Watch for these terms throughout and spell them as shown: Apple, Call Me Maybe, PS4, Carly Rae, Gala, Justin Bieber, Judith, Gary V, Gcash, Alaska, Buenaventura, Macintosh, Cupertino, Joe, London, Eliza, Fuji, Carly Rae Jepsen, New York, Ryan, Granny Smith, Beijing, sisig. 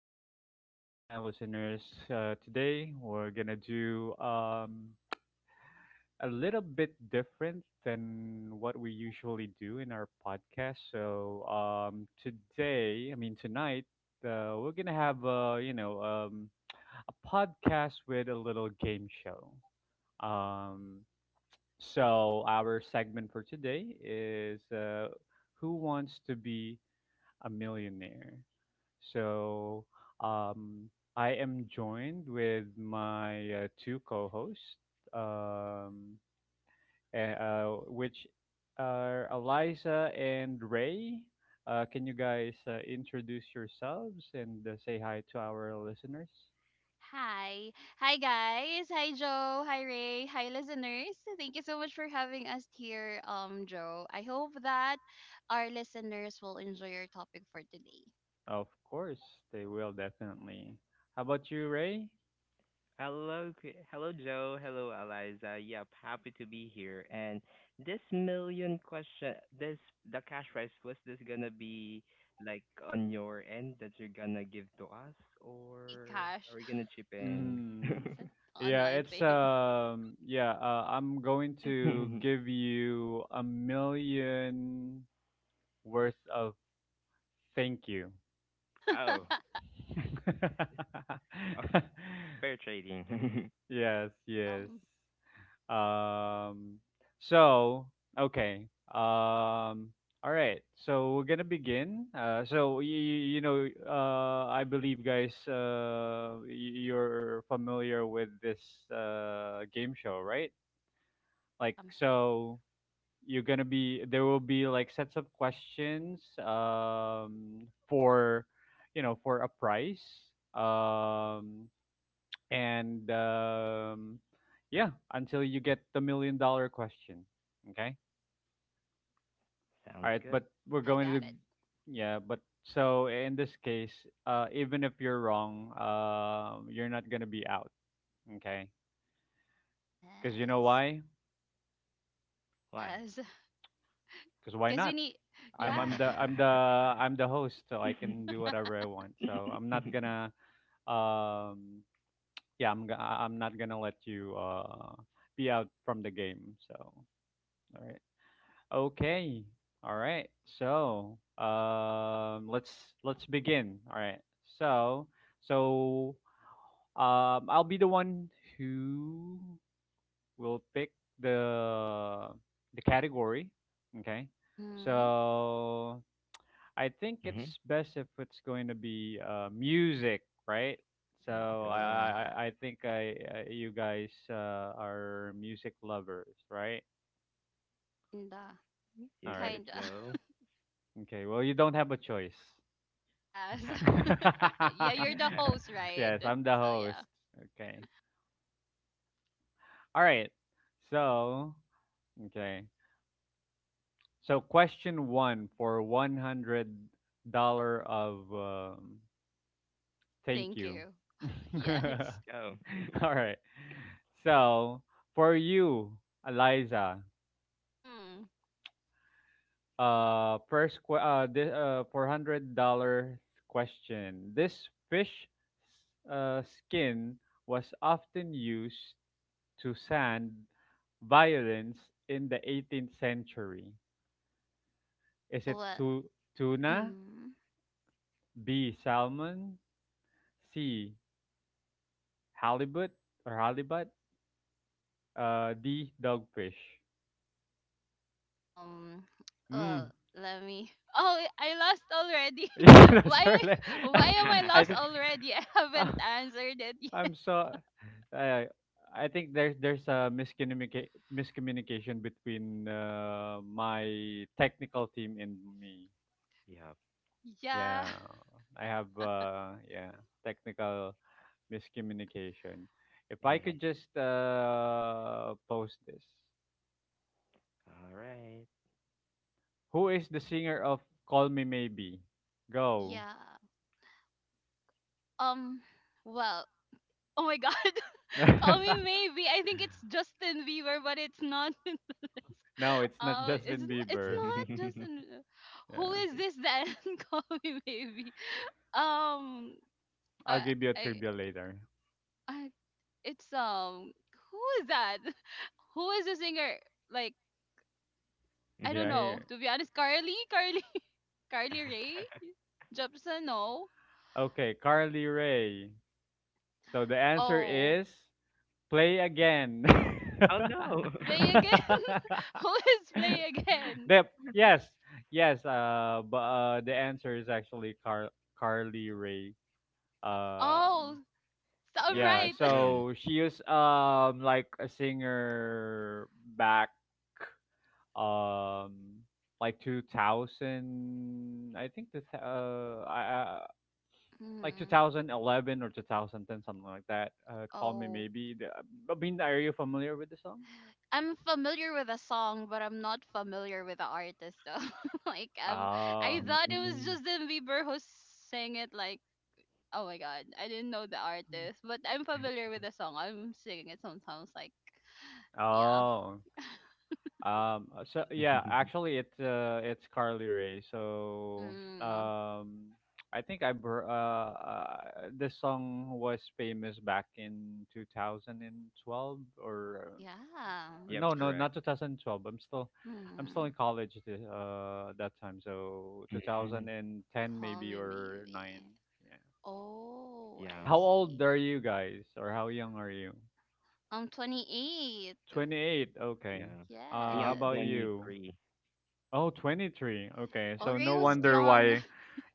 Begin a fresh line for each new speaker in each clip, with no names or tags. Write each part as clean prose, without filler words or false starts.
good evening. Hi listeners. Today we're gonna do a little bit different than what we usually do in our podcast. Today, I mean tonight, we're gonna have a podcast with a little game show. Um, our segment for today is who wants to be a millionaire. So um, I am joined with my two co-hosts, um, which are Eliza and Ray. Can you guys introduce yourselves and say hi to our listeners?
Hi. Hi, guys. Hi, Joe. Hi, Ray. Hi, listeners. Thank you so much for having us here, Joe. I hope that our listeners will enjoy your topic for today.
Of course, they will definitely. How about you, Ray?
Hello, hello, Joe. Hello, Eliza. Yep, happy to be here. And this million question, this the cash prize, was this gonna be like on your end that you're gonna give to us, or
Gcash
are we gonna chip in?
Mm, yeah,
online fave.
I'm going to give you a million worth of. Thank you.
oh, oh, fair trading.
Yes,
Yeah.
yes. Um, so, okay. Um, all right. So we're gonna begin. I believe, guys, you're familiar with this game show, right? Like,
Um,
so. You're gonna be There will be like sets of questions, for, for a price, um and, yeah until you get the million dollar question. Okay. All
Sounds
right, but
good.
we're
yeah,
going to,
got it.
yeah, but so in this case, even if you're wrong, you're not gonna be out. Okay. Because you know
Yes.
why?
Why?
Yes.
Because why
Because we
not?
need,
I'm
yeah.
I'm the I'm the I'm the host, so I can do whatever I want. So I'm not gonna, um I'm not gonna let you be out from the game. So all right. Okay. All right. So um let's let's begin. All right. so so I'll be the one who will pick the the category. Okay.
Mm-hmm.
So I think it's
hmm
best if it's going to be music, right?
Let's
So
go.
Yeah.
I think I you guys are music lovers, right?
Kinda.
All
You got
right.
it,
Kinda.
Joe.
Okay. Well, you don't have a choice.
Yes. Yeah, you're the host, right?
Yes, I'm the
So
host.
yeah.
Okay. All right. So okay. So question one for $100 of, thank
Thank
you.
you. Yes.
Go.
All right. So for you, Eliza,
Mm.
this $400 question. This fish skin was often used to sand violins in the 18th century. Is it
Well.
tuna,
Mm.
B salmon, C halibut halibut, D dogfish?
Um.
Mm.
Well, let me. Oh, I lost already.
You know,
Why?
sir, like,
Why am I
I
lost
think.
already? I haven't
Ah,
answered it yet.
I'm so I I think there's a miscommunication between my technical team and me.
Yep.
Yeah.
Yeah, I have, technical miscommunication. If I could just post this.
All right.
Who is the singer of Call Me Maybe? Go.
Yeah. Um. Well. Oh my God. Call me maybe. I think it's Justin Bieber, but it's not.
No, it's not
Oh, it's
Justin
not. It's
Bieber.
not just an, who
Yeah.
is this then? Call me maybe. Um,
I'll
I,
give you a
I,
trivia later.
I, it's who is that? Who is the singer? Like, I don't
Yeah,
know.
here.
To be honest, Carly Rae. Jepsen. No.
Okay, Carly Ray. So the answer
Oh,
is play again.
Oh no.
play again. Who is play again?
the Yes, yes. But the answer is actually Carly Rae.
Oh,
Um,
so I'm
Yep,
yeah.
my
right.
twin.
So she was, like, a singer back, um like 2000. I think, like
Hmm.
2011 or 2010, something like that. Call Me
Oh.
Maybe. I mean, are you familiar with the song?
I'm familiar with the song, but I'm not familiar with the artist though. Like I
Oh,
thought it was
Mm.
Justin Bieber who sang it. Like, oh my god, I didn't know the artist, but I'm familiar with the song. I'm singing it sometimes. Like, yeah,
oh. Yeah, actually, it's Carly Rae.
mm,
I think, this song was famous back in 2012. Or
yeah,
Yep,
no, no,
correct.
not 2012. I'm still
mm,
in college, that time. So
Mhm.
2010
call
maybe,
me
or nine.
maybe.
Yeah.
Oh,
Yeah,
I
How old
see.
are you guys, or how young are you?
I'm 28.
28. Okay.
yeah.
Uh,
Me,
how
I'm
Yes.
about you?
23.
Oh, 23. Okay. So
Let's
Ore
no
was
go.
wonder
young.
why.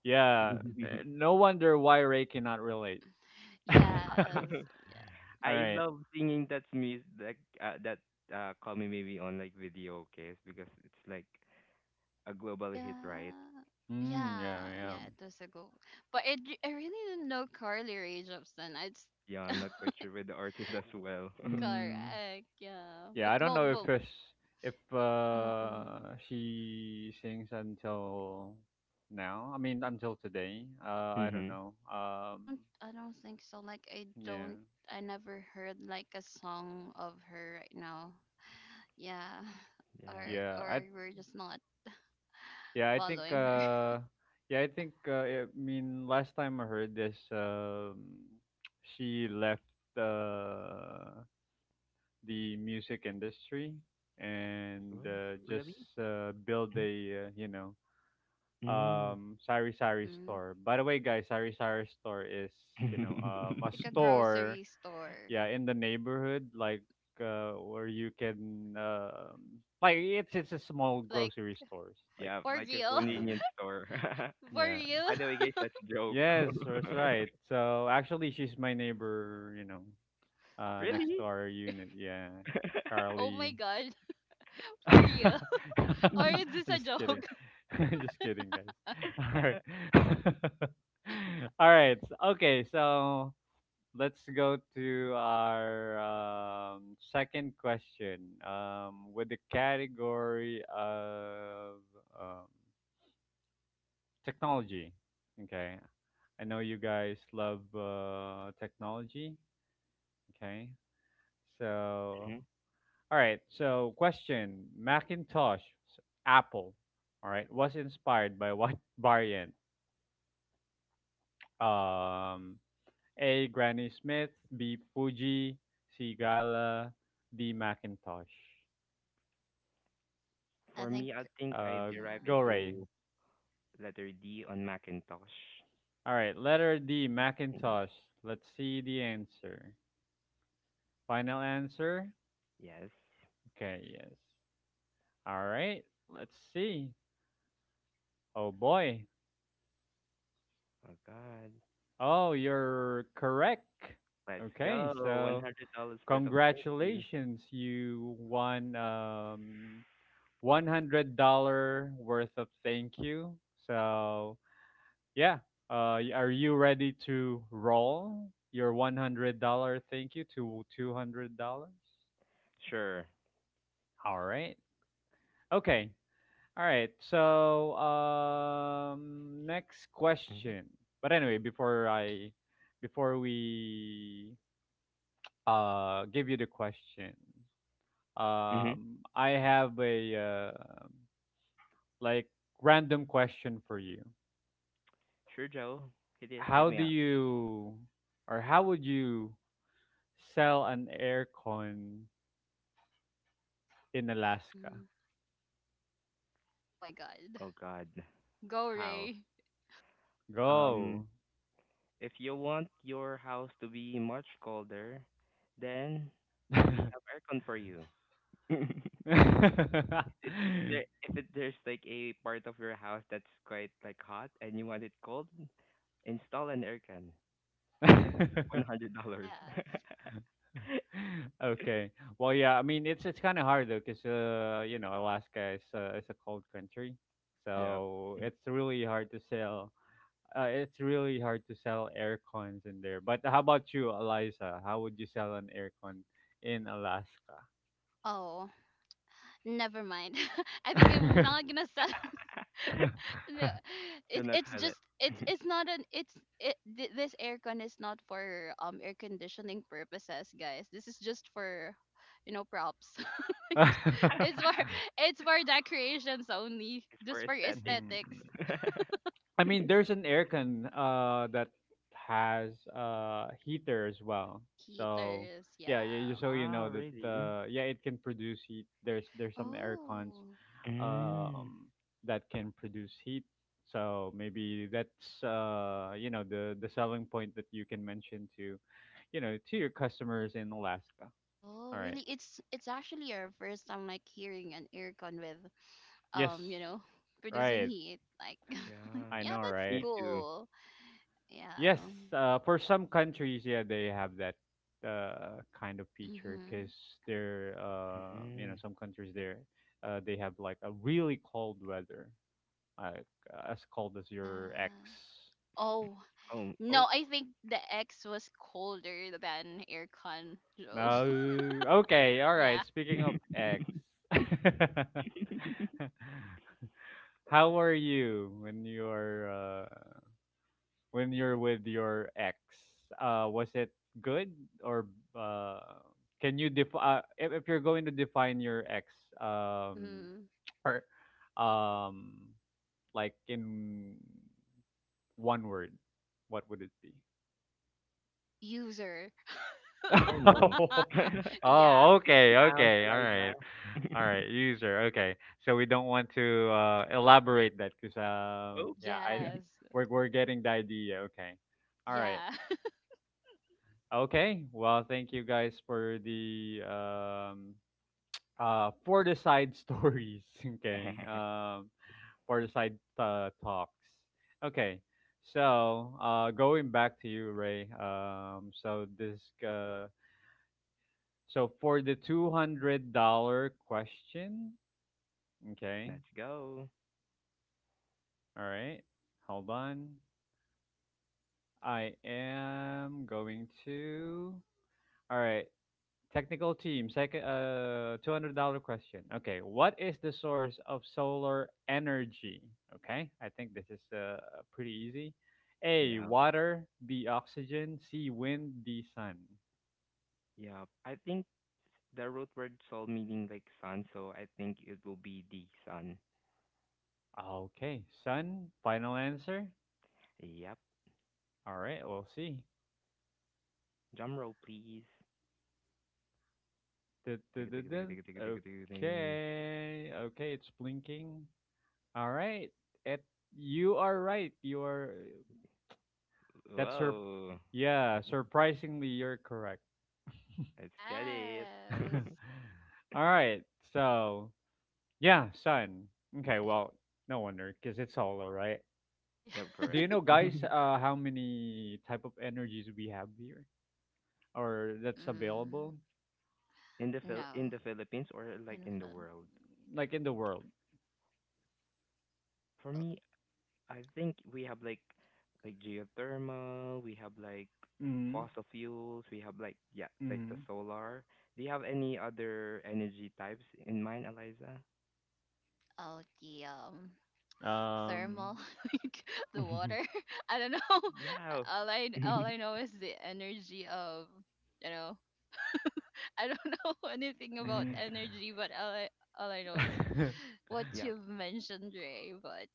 Yeah. No wonder why Ray cannot relate. All
Yes.
I
right.
love singing that music like that call me maybe on like video case because it's like a global hit, right?
Yeah.
Mm, yeah,
Yeah,
yeah.
yeah, it was a go. But I really didn't know Carly Rae Jepsen. It's
Yeah, I'm not quite sure with the artist as well.
Mm.
correct, yeah.
Yeah,
But
I don't
well,
know
but
if
hmm
she sings until now. I mean, until today. I don't
Mhm.
know.
I don't think so. Like I
Yeah,
don't, I never heard like a song of her right now. Yeah, or
Yeah.
yeah. I
or we're just not
Yeah, I think.
following her.
Yeah, I think. I mean, last time I heard this, she left uh, the music industry and
Well, really?
just build a,
Mm.
Sari Sari
Hmm.
store. By the way, guys, Sari Sari store is, a
Like a
store,
grocery store,
yeah, in the neighborhood, like, where you can, like, it's a small
like
grocery stores. Like,
Yeah,
for
like a
real,
yeah.
convenience store.
for
Yeah.
real.
By the way, guys, that's a joke.
Yes, that's right. So actually she's my neighbor,
Uh,
next to
Really?
our unit. Yeah.
oh my
Carly.
god, for real. Or is this a
Just kidding.
joke?
Just kidding, guys. All right. All right. Okay, so let's go to our second question, with the category of, um, technology. Okay. I know you guys love technology. Okay. So
hmm
All right. So, question: Macintosh, Apple. All right, was inspired by what variant? Um, A. Granny Smith. B. Fuji. C. Gala. D. Macintosh.
I
For
think,
me, I think I
Uh,
derive it
Go,
yeah.
Ray.
to letter D on Macintosh.
All right. Letter D. Macintosh. Let's see the answer. Final answer.
Yes.
Okay. Yes. All right. Let's see. Oh boy.
Oh God.
Oh, you're correct.
Let's
Okay.
go. One
So.
hundred dollars worth of thank you.
Congratulations, you won, $100 worth of thank you. So yeah, are you ready to roll your $100 thank you to $200?
Sure.
All right. Okay. All right. Next
hmm
question. But anyway, before we give you the question,
hmm
I have a, like, random question for you.
Sure, Joe. Hit it. Hit
How
me
do
up.
you, or how would you sell an aircon in Alaska?
Mm. Oh my god.
Oh God.
Go,
How?
Ray.
Um.
Go.
If you want your house to be much colder, then we have aircon for you. It's there if it, there's like a part of your house that's quite like hot and you want it cold, install an aircon. It's $100.
Yes.
Okay. Well, yeah. I mean, it's kind of hard, though, because, you know, Alaska is a cold country,
Yep.
so it's really hard to sell air cons in there. But how about you, Eliza? How would you sell an air con in Alaska?
Oh, never mind. I think I'm not gonna sell. No,
Do not sell it.
it's not an it's this aircon is not for air conditioning purposes, guys. This is just for you know props. Like it's for it's for decorations only,
It's for
just for
aesthetic.
Mhm.
aesthetics.
I mean, there's an air con that has heater as well. So
Heaters,
yeah, yeah,
yeah.
just so you
Wow,
know that,
really?
it can produce heat. There's some air cons,
Oh.
Mm,
um, that can produce heat. So maybe that's, the selling point that you can mention to your customers in Alaska.
Oh,
All right.
really? It's actually our first time like hearing an aircon with you
Yes.
know, producing
Right.
heat. Like,
yeah.
I
yeah,
know.
that's
Me
Right.
too.
cool.
Yes.
Yeah.
For some countries, yeah, they have that kind of feature
Mm-hmm.
because, they're you know
Mm.
some countries there, they have like a really cold weather, like, as cold as your ex.
Uh, oh
Oh,
no,
oh,
I think the X was colder than aircon, Joe.
No. Okay, all
Yeah.
right. Speaking of ex, how were you when you're with your ex? Was it good? Or, uh, can you def if you're going to define your ex, um
Mm-hmm.
or um like, in one word, what would it be?
User.
oh no.
Yeah.
Oh, okay,
Sound,
okay. All
Eliza.
right. All right, user. Okay. So we don't want to elaborate that cuz,
Oh.
yeah, I
Yes.
we're getting the idea. Okay. All right.
Yeah.
Okay. Well, thank you guys for the side stories, okay? For the side talks. Okay. So, going back to you, Ray. So this uh So For the $200 question, okay,
Let's go.
all right, hold on. I am going to, all right, technical team, second, $200 question. Okay, what is the source of solar energy? Okay, I think this is pretty easy. A,
Yeah.
water; B, oxygen; C, wind; D, sun.
Yeah. I think the root word soul meaning like sun, so I think it will be the sun.
Okay, sun, final answer.
Yep.
All right, we'll see.
Drum roll, please.
Dun, dun,
Tick,
dun,
tick, tick,
dun.
tick, tick, tick, tick, ding.
Okay. Okay, it's blinking. All right. It, you are right. You are that's her
Whoa.
Yeah, surprisingly you're correct.
Let's get
Yes.
it.
All right. So, yeah, sun. Okay, well, no wonder cuz it's hollow, right?
Yeah.
Yep,
Do
correct.
you know, guys, how many type of energies we have here, or that's
Mm,
available,
In
no.
the Philippines or
I
like
don't
in the
feel.
world?
like, in the world?
For
Well,
me, I think we have like geothermal, we have like
Mhm.
fossil fuels, we have like yeah, like the
Mhm.
solar. Do you have any other energy types in mind, Eliza?
oh the
Um
thermal like the water. I don't know.
Yeah.
All I know is the energy of you know I don't know anything about
Mhm.
energy, but all I know is what
Yep.
you've mentioned, Ray, but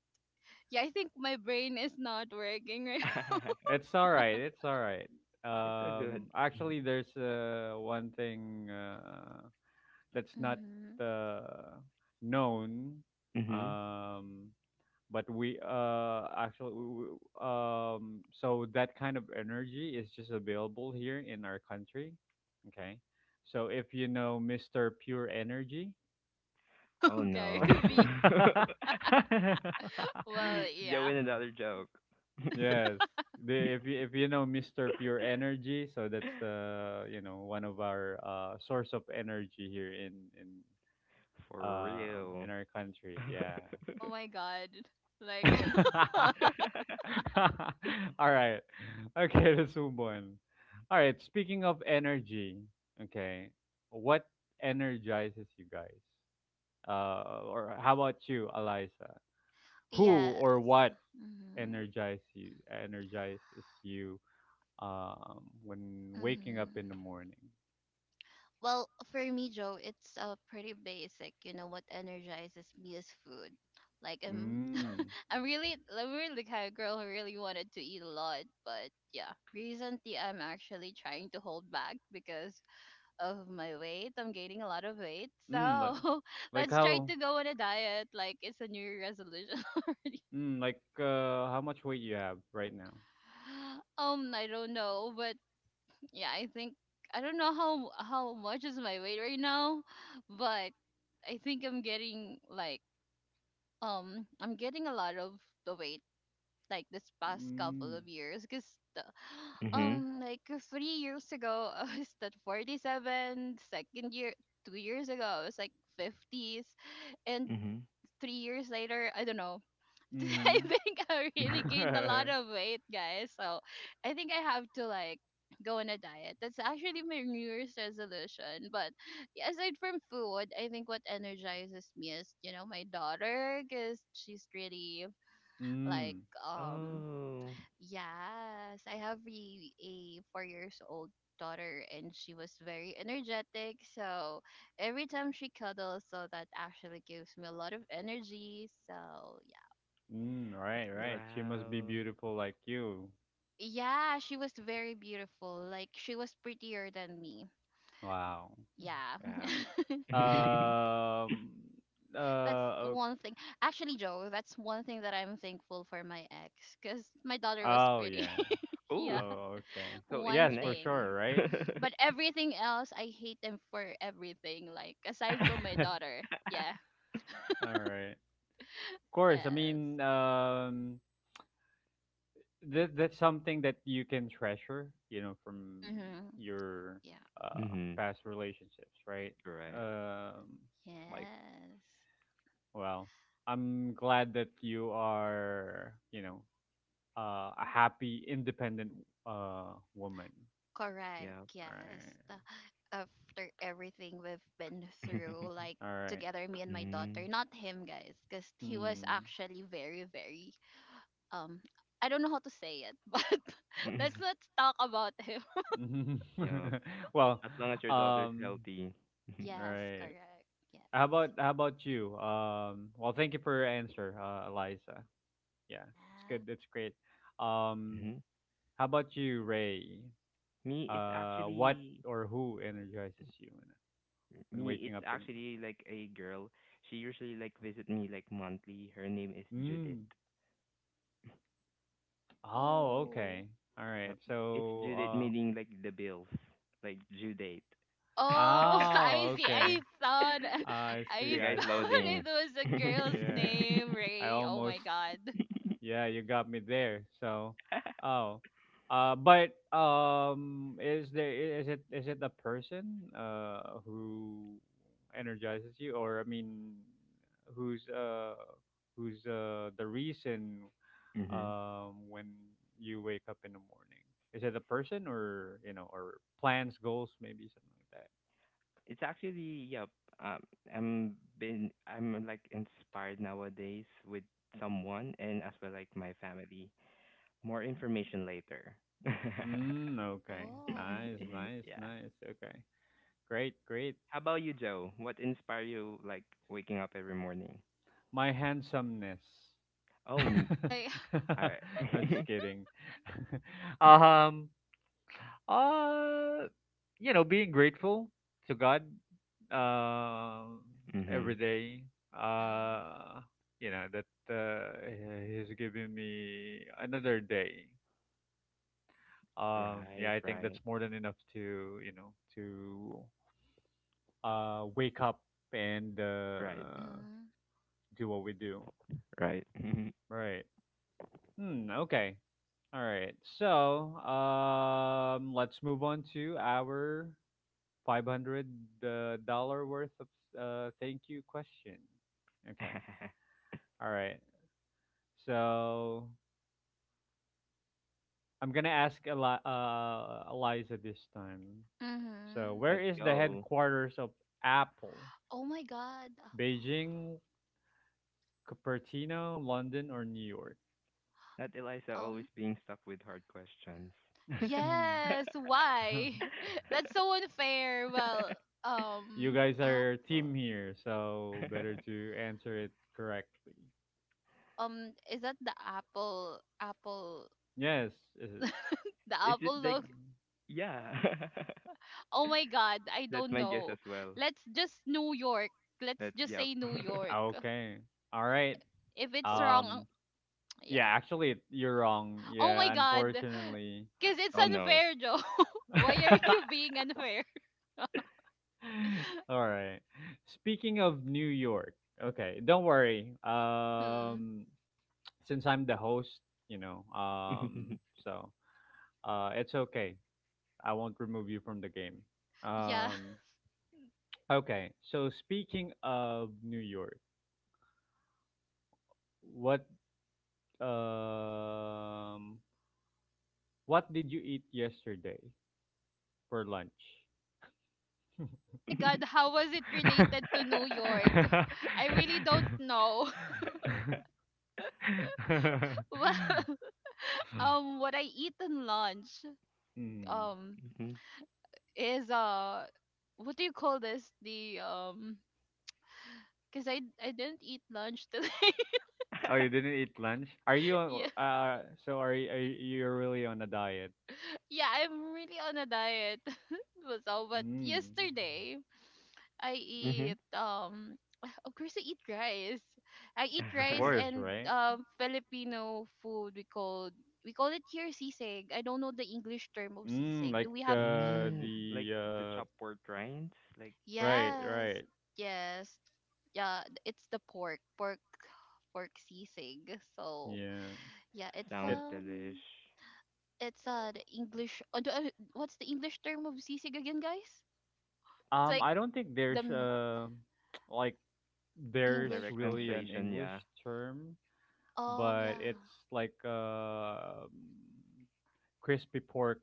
yeah, I think my brain is not working right.
It's all right. It's all right.
It's a good.
Actually, there's, one thing, that's not,
Mm-hmm.
uh, known.
Mhm.
Um, but we, actually, so that kind of energy is just available here in our country. Okay. So if you know Mr. Pure Energy,
Oh
Oh, Gary
no.
V. Well, yeah.
Join another joke.
yes. If you know Mr. Pure Energy, so that's the you know one of our source of energy here in, in
For real.
in our country. Yeah.
Oh my god. Like,
All right. Okay, let's move on. All right. Speaking of energy, okay, what energizes you guys? Or how about you, Eliza? Who
yes.
or what
Mm-hmm.
energizes you? You? When waking up
Mm-hmm.
in the morning?
Well, for me, Joe, it's pretty basic. You know what energizes me is food. Like
Mm.
I'm really the kind of girl who really wanted to eat a lot. But yeah, recently I'm actually trying to hold back because of my weight. I'm gaining a lot of weight,
Mm,
so
like
let's try
how,
to go on a diet. Like it's a New Year resolution already.
how much weight you have right now?
I don't know, but yeah, I think I don't know how much is my weight right now, but I think I'm getting like I'm getting a lot of the weight like this past couple
Mm.
of years because the,
Mhm. Mhm.
like 3 years ago I was at 47, second year 2 years ago I was like 50s, and 3 years later I don't know. I
Mm.
think I really
Mhm.
gained a lot of weight, guys. So I think I have to like go on a diet. That's actually my New Year's resolution. But yeah, aside from food, I think what energizes me is you know my daughter because she's really like
Mm.
um
Oh,
yes, I have a 4 years old daughter and she was very energetic, so every time she cuddles so that actually gives me a lot of energy, so yeah.
Mm. Right, right. She must be
wow.
beautiful like you.
Yeah, she was very beautiful. Like she was prettier than me.
Wow.
Yeah.
Wow.
Um.
That's
Uh. Okay.
one thing. Actually, Joe, that's one thing that I'm thankful for my ex cuz my daughter was
Oh
pretty.
yeah.
Yeah,
Oh,
Oh okay.
so it
one
Yes, for
connects.
sure.
thing.
Right.
But everything else, I hate them for everything like aside from my
All
daughter. Yeah.
right. Of course. I
Yes.
mean, that's something that you can treasure, from
Mhm.
your
Yeah.
Mm-hmm.
past relationships, right?
Correct.
Um, like,
Yes.
well, I'm glad that you are, a happy, independent, woman,
Correct.
Yeah.
right?
Yes. The- After everything we've been through, like
All right.
together, me and my
mm
daughter, not him, guys, because he was actually very, very um. I don't know how to say it, but let's not talk about him.
Mm.
Yeah.
Well,
As long as your daughter's
um,
healthy. hmm
Yes.
right.
Correct.
How
Yes.
about how about you? Well, thank you for your answer, Eliza. Yeah, it's good.
Yeah.
It's great. Um, how about you, Ray?
Me, it's
What
actually
or who energizes you when
me.
waking up
It's
in the
actually like a girl. She usually like visit me like monthly. Her name is Judith.
morning? Mm. Oh,
Oh.
okay. All
Yep.
right.
It's Judith
So,
meaning like the bills, like due date.
Oh, I
oh,
see.
okay.
I thought,
I
You
see.
I
guys
I
thought
see.
it
loading.
was a
hmm
girl's
Yeah.
name,
I
Ray. Oh my
almost
God.
Yeah, you got me there. So, oh, but is there I- is it a person who energizes you, or who's uh who's the reason when you wake up in the morning? Is it a person or plans, goals, maybe something like that?
It's actually yep. Um, I'm like inspired nowadays with someone and as well like my family. More information later.
Okay,
Oh.
nice,
Yeah.
nice, nice. Okay, great, great.
How about you, Joe? What inspire you like waking up every morning?
My handsomeness.
Oh, n-
Oh my.
I.
I'm just kidding. um, uh, you know, being grateful to God, um, every
Mhm.
day.
Yeah.
Uh, you know that He's giving me another day. Yeah,
Right,
I think
right,
that's more than enough to to wake up and
right,
Mhm.
do what we do.
right.
Right. Okay. All right. So, let's move on to our $500 dollar worth of thank you question. Okay. All right. So, I'm going to ask Eliza this time. So,
Mhm.
where
Let's
is the
go.
headquarters of Apple?
Oh my god. Apo.
Beijing, Cupertino, London, or New York?
Not Eliza
Um,
always being stuck with hard questions.
Hmm.
yes, why? That's so unfair. Well,
you
um
guys are a
apple.
team here, so better to answer it correctly.
Is that the apple apple
Yes. is
the
Is it
apple
like
look?
yeah?
Oh my god, I
That's
don't
my guess as
know.
well.
Let's just New York. Let's
That
just
yeah.
say New York.
Okay. All right.
If it's
oh
wrong, ang-
Um.
yeah.
Yeah. Actually, you're wrong.
Oh my
Yeah.
god.
Unfortunately.
Cuz it's
oh no.
unfair, Joe. Why are you being unfair?
All right. Speaking of New York. Okay. Don't worry.
Mhm.
Since I'm the host, you know.
Mhm.
So. It's okay. I won't remove you from the game.
Yeah.
Um. Okay. So speaking of New York, what um what did you eat yesterday for lunch?
Oh my God, how was it related to New York? I really don't know. Well, what I eat in lunch,
Hmm.
um,
Mhm.
is what do you call this? The because I didn't eat lunch today.
Oh, you didn't eat lunch?
Yeah,
Are you, you're really on a diet?
yeah, I'm really on a diet. So, but
Mm.
yesterday. I
Mhm.
eat of course I eat rice. I eat
Of
rice
course,
and
right?
Filipino food we call it here sisig. I don't know the English term of sisig. Do we have
mm, like the
The uh
chopboard grinds. Like
right,
yes.
right.
Yes. Yeah, it's the pork. Pork sisig. So,
Yeah.
yeah,
sounds
It
delish.
it's the English what's the English term of sisig again, guys? It's like
I don't think
the
there's
m-
like there's
English
Direct
really an
term.
translation.
English
Yeah.
term,
Oh,
but
yeah.
it's like crispy pork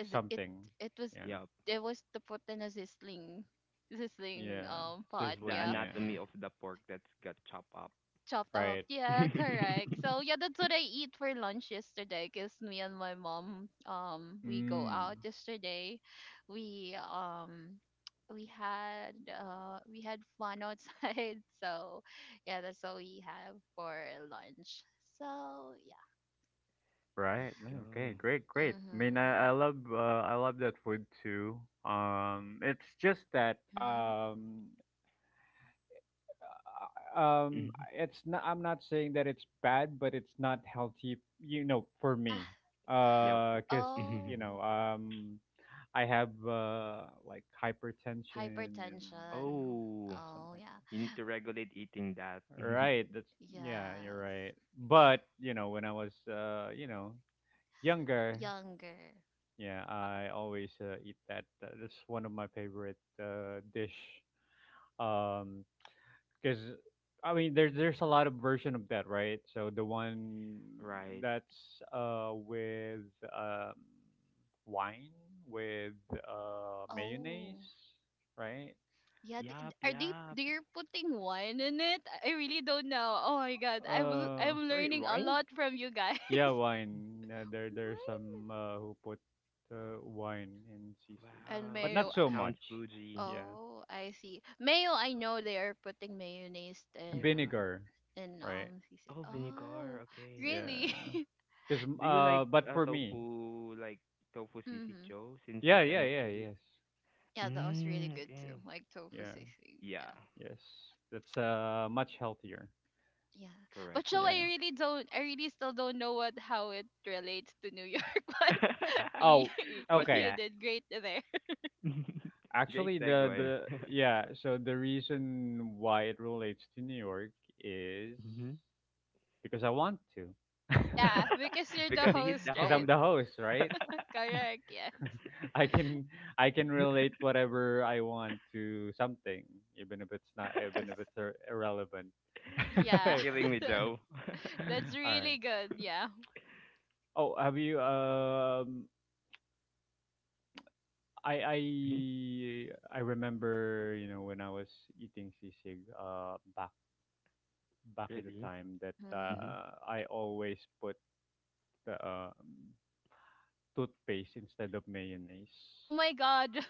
Is it,
something.
it was
Yeah,
Yup.
it was to put in a sizzling
yeah,
pot,
It's the
sizzling.
yeah,
Yeah,
anatomy of the pork that's got chopped up.
chopped up,
right.
yeah, correct. So yeah, that's what I eat for lunch yesterday because me and my mom we go out
Mm.
yesterday. we um we had we had fun outside. So yeah, that's what we have for lunch. So yeah.
Right.
Let's
Okay.
go.
Great. Great.
Mm-hmm.
I love that food too. It's just that
Mm-hmm.
Mhm.
It's not. I'm not saying that it's bad, but it's not healthy. You know, for
Yeah.
me,
Yep.
because
Mhm.
you
Oh.
know, um. I have like hypertension and you
Hypertension.
know
Oh,
something
Oh, yeah.
like
you need to regulate eating that.
that. Right. That's Yeah, you're
Yes.
right. But when I was younger,
Younger.
yeah, I always eat that. That's one of my favorite dish. Um, because I mean there's a lot of version of that, right? So the one
Right.
that's with um wine, with mayonnaise,
Oh.
right?
Yeah,
Yep,
are
yep.
they're putting wine in it? I really don't know. Oh my god,
Uh,
I'm
Sorry,
learning a
Ryan?
lot from you guys.
yeah, wine. There are
Wine
some who put wine in sisig,
and
but
Wow.
not
mayo.
so much.
Sounds bougie.
Yeah,
Oh, I see. Mayo, I know they are putting mayonnaise
Yeah.
vinegar,
in
right?
sisig.
Oh, vinegar.
Oh,
Okay.
Yeah,
really?
because
Do you like
but for me,
tofu, like tofu sisig,
Mhm.
Joe, since you
yeah, yeah,
cannot
yeah,
eat?
yes,
Yeah, that was really
Mm,
good too.
okay.
Like tofu
yeah,
sisig. Yeah.
Yeah.
yes. That's much healthier.
Yeah.
Correct,
But so
correct.
Yeah.
I really still don't know what how it relates to New York, but you,
Oh,
But
you
okay.
yeah.
did great there.
Great
Actually,
segue.
the yeah. So the reason why it relates to New York is
hmm
because I want to.
Yeah, because you're the
Because he is the
host,
because I'm
right?
host.
the host, right?
Correct, yes.
I can I can relate whatever I want to something, even if it's irrelevant.
You're
Yes.
All
killing me,
Yeah.
Joe.
That's
right.
really good, yeah.
Oh, have you? I I
Mhm,
I remember, you know, when I was eating sisig, back at the
really?
time that
Mm-hmm.
Hmm
I always put the toothpaste instead of
Oh
mayonnaise.
my god.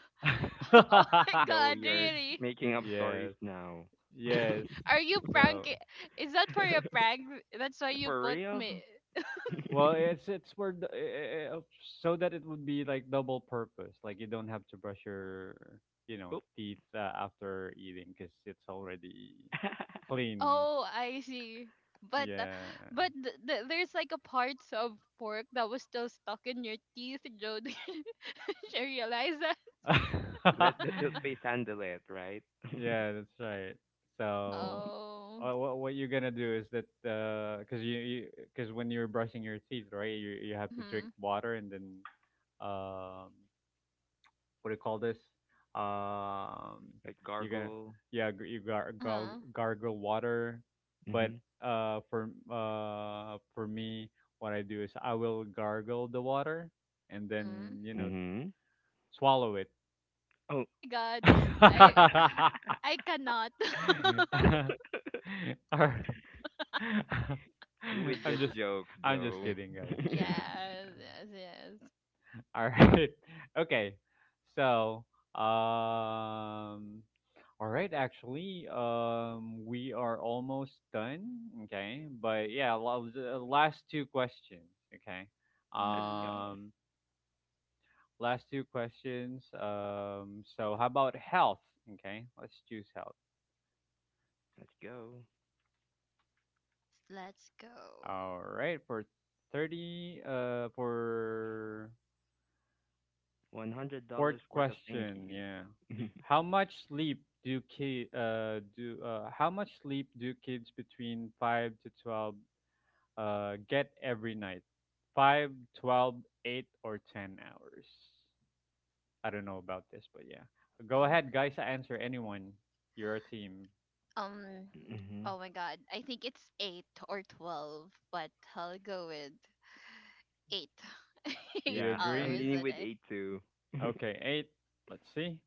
Oh my
Joe,
god,
you're
really?
making up
yes.
stories now.
Yes.
Are you
So,
pranking? Is that for your prank? That's why you
For
put
real?
me.
well, it's for the, eh, eh, eh, so that it would be like double purpose. Like you don't have to brush your, you know,
Oop.
teeth after eating because it's already clean.
Oh, I see. But uh,
Yeah.
but there's like a parts of pork that was still stuck in your teeth, Joe. Did you realize that?
Let the toothpaste handle it, right?
yeah, that's right. So,
Oh.
what you're gonna do is that because you because when you're brushing your teeth, right, you have to drink
Mhm.
water and then um what do you call this? Um,
Like
you're gonna
gargle.
yeah g- you gar-
Uh
gar-
huh.
gargle water, but
Mm-hmm.
for me, what I do is I will gargle the water and
Mhm.
then
Mm-hmm.
swallow it.
Oh,
Oh my God. I I cannot.
Or-
you with
I'm
this
just
joke, Joe.
kidding, guys. Yeah,
Yes.
yeah.
Yes. Yes.
All right. Okay. So, um, all right. Actually, we are almost done. Okay. But yeah, la- the last two questions. Okay.
Let's go.
Mhm.
Um, last two questions. So how about health? Okay. Let's choose health.
Let's go.
S- Let's go.
All right. For 30, uh, for
One hundred
Fourth
dollars worth of thank
question, yeah.
you.
How much sleep do kids between 5 to 12 get every night? 5, 12, 8, or 10 hours? I don't know about this, but yeah.
Yeah.
Go ahead, guys, answer anyone. You're a team.
Um.
Mm-hmm.
Oh my God. I think it's 8 or 12, but I'll go with eight.
Do
eight
you
Yeah, I'm
hours
agree?
leaning
a
with
day.
A too.
Okay, 8. Let's see.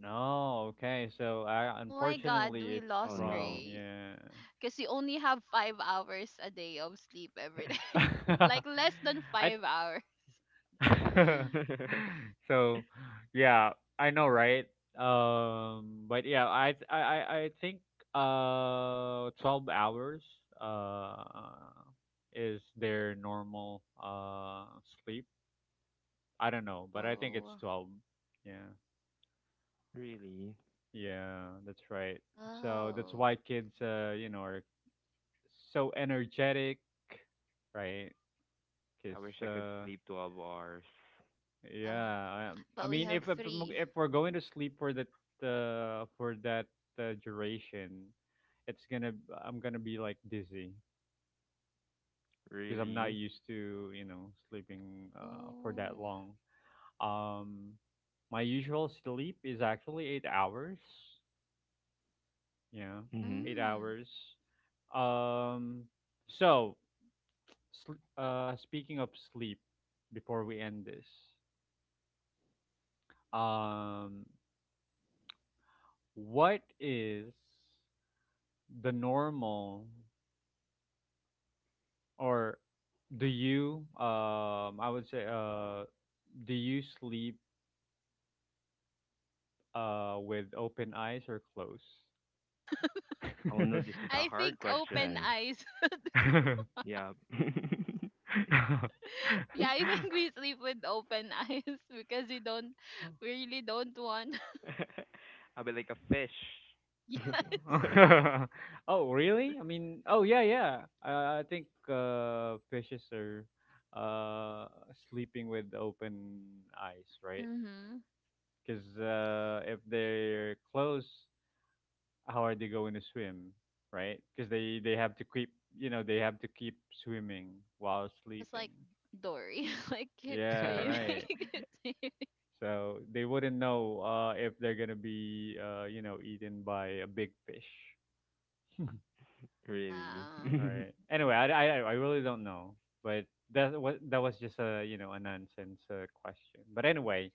No, okay. So,
Oh my god,
unfortunately,
we
it's
Oh
lost
no.
wrong.
Gray
Yeah.
because you only have 5 hours a day of sleep every day. Like less than
I
5 hours.
so yeah, I know, right? But yeah I think 12 hours uh is their normal sleep. I don't know, but I think it's
Oh,
12. Yeah,
Really?
yeah, that's right. So that's
wow.
why kids you know are so energetic, right? Because
I wish I could sleep 12 hours.
Yeah,
Yeah, I, I
but we
mean,
have three.
if we're going to sleep for that uh, for that duration, it's gonna I'm gonna be like dizzy because I'm not
Really?
used to sleeping for that
Oh.
long. Um, my usual sleep is actually 8 hours. Yeah,
Mm-hmm.
eight
Mm.
hours. Um, so speaking of sleep, before we end this, um, what is the normal, or do you I would say do you sleep with open eyes or closed?
Oh no, this is a
I
hard
think open
question.
eyes.
Yeah.
Yeah, I think we sleep with open eyes because we really don't want.
I'll be like a fish.
Yes.
Oh, really? I mean, oh yeah, yeah. I think fishes are uh sleeping with open eyes, right?
Mhm.
Because if they're closed, how are they going to swim, right? Because they have to keep you know they have to keep swimming while
Just
sleeping.
like Dory, like keep
Yeah,
swimming.
right.
Keep swimming.
So they wouldn't know if they're gonna be eaten by a big fish.
Really?
Yeah.
All right. I really don't know, but that was just a a nonsense question. But anyway,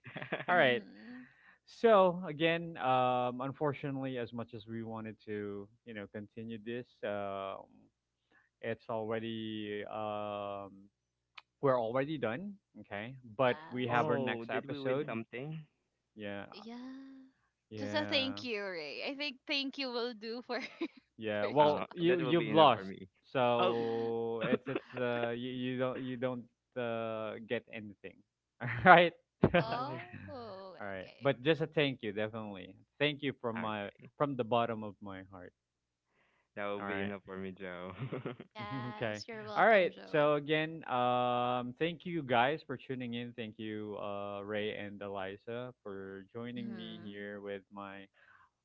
all right.
Hmm.
So again, unfortunately, as much as we wanted to continue this, it's already we're already done. Okay, but we have
Yes.
our
Oh,
next
did we win
episode.
something?
Yeah,
Yeah. Just a
yeah,
thank you, Ray. I think thank you will do for for
yeah.
your
Well,
job.
That
you
will
you've
be enough for
lost,
me. Oh.
so you don't get anything. All right.
Oh,
Oh,
All right.
okay.
But just a thank you, definitely. Thank you from my
okay.
from the bottom of my heart.
That will
All
be enough
right.
for me, Joe.
Okay.
Yes, you're
All
welcome,
right.
Joe.
So again, thank you guys for tuning in. Thank you, Ray and Eliza, for joining me
Mhm.
here with my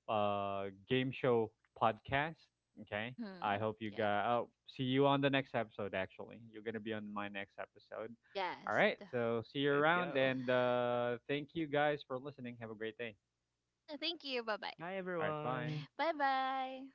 game show podcast. Okay. I
Mhm.
hope you
Yeah.
guys. Oh, see you on the next episode. Actually, you're gonna be on my next episode. All
Yes.
right. So see you
Let's
around,
go.
and thank you guys for listening. Have a great day.
Yeah. Thank you. Bye bye.
Bye,
All right.
everyone.
Bye.
Bye bye.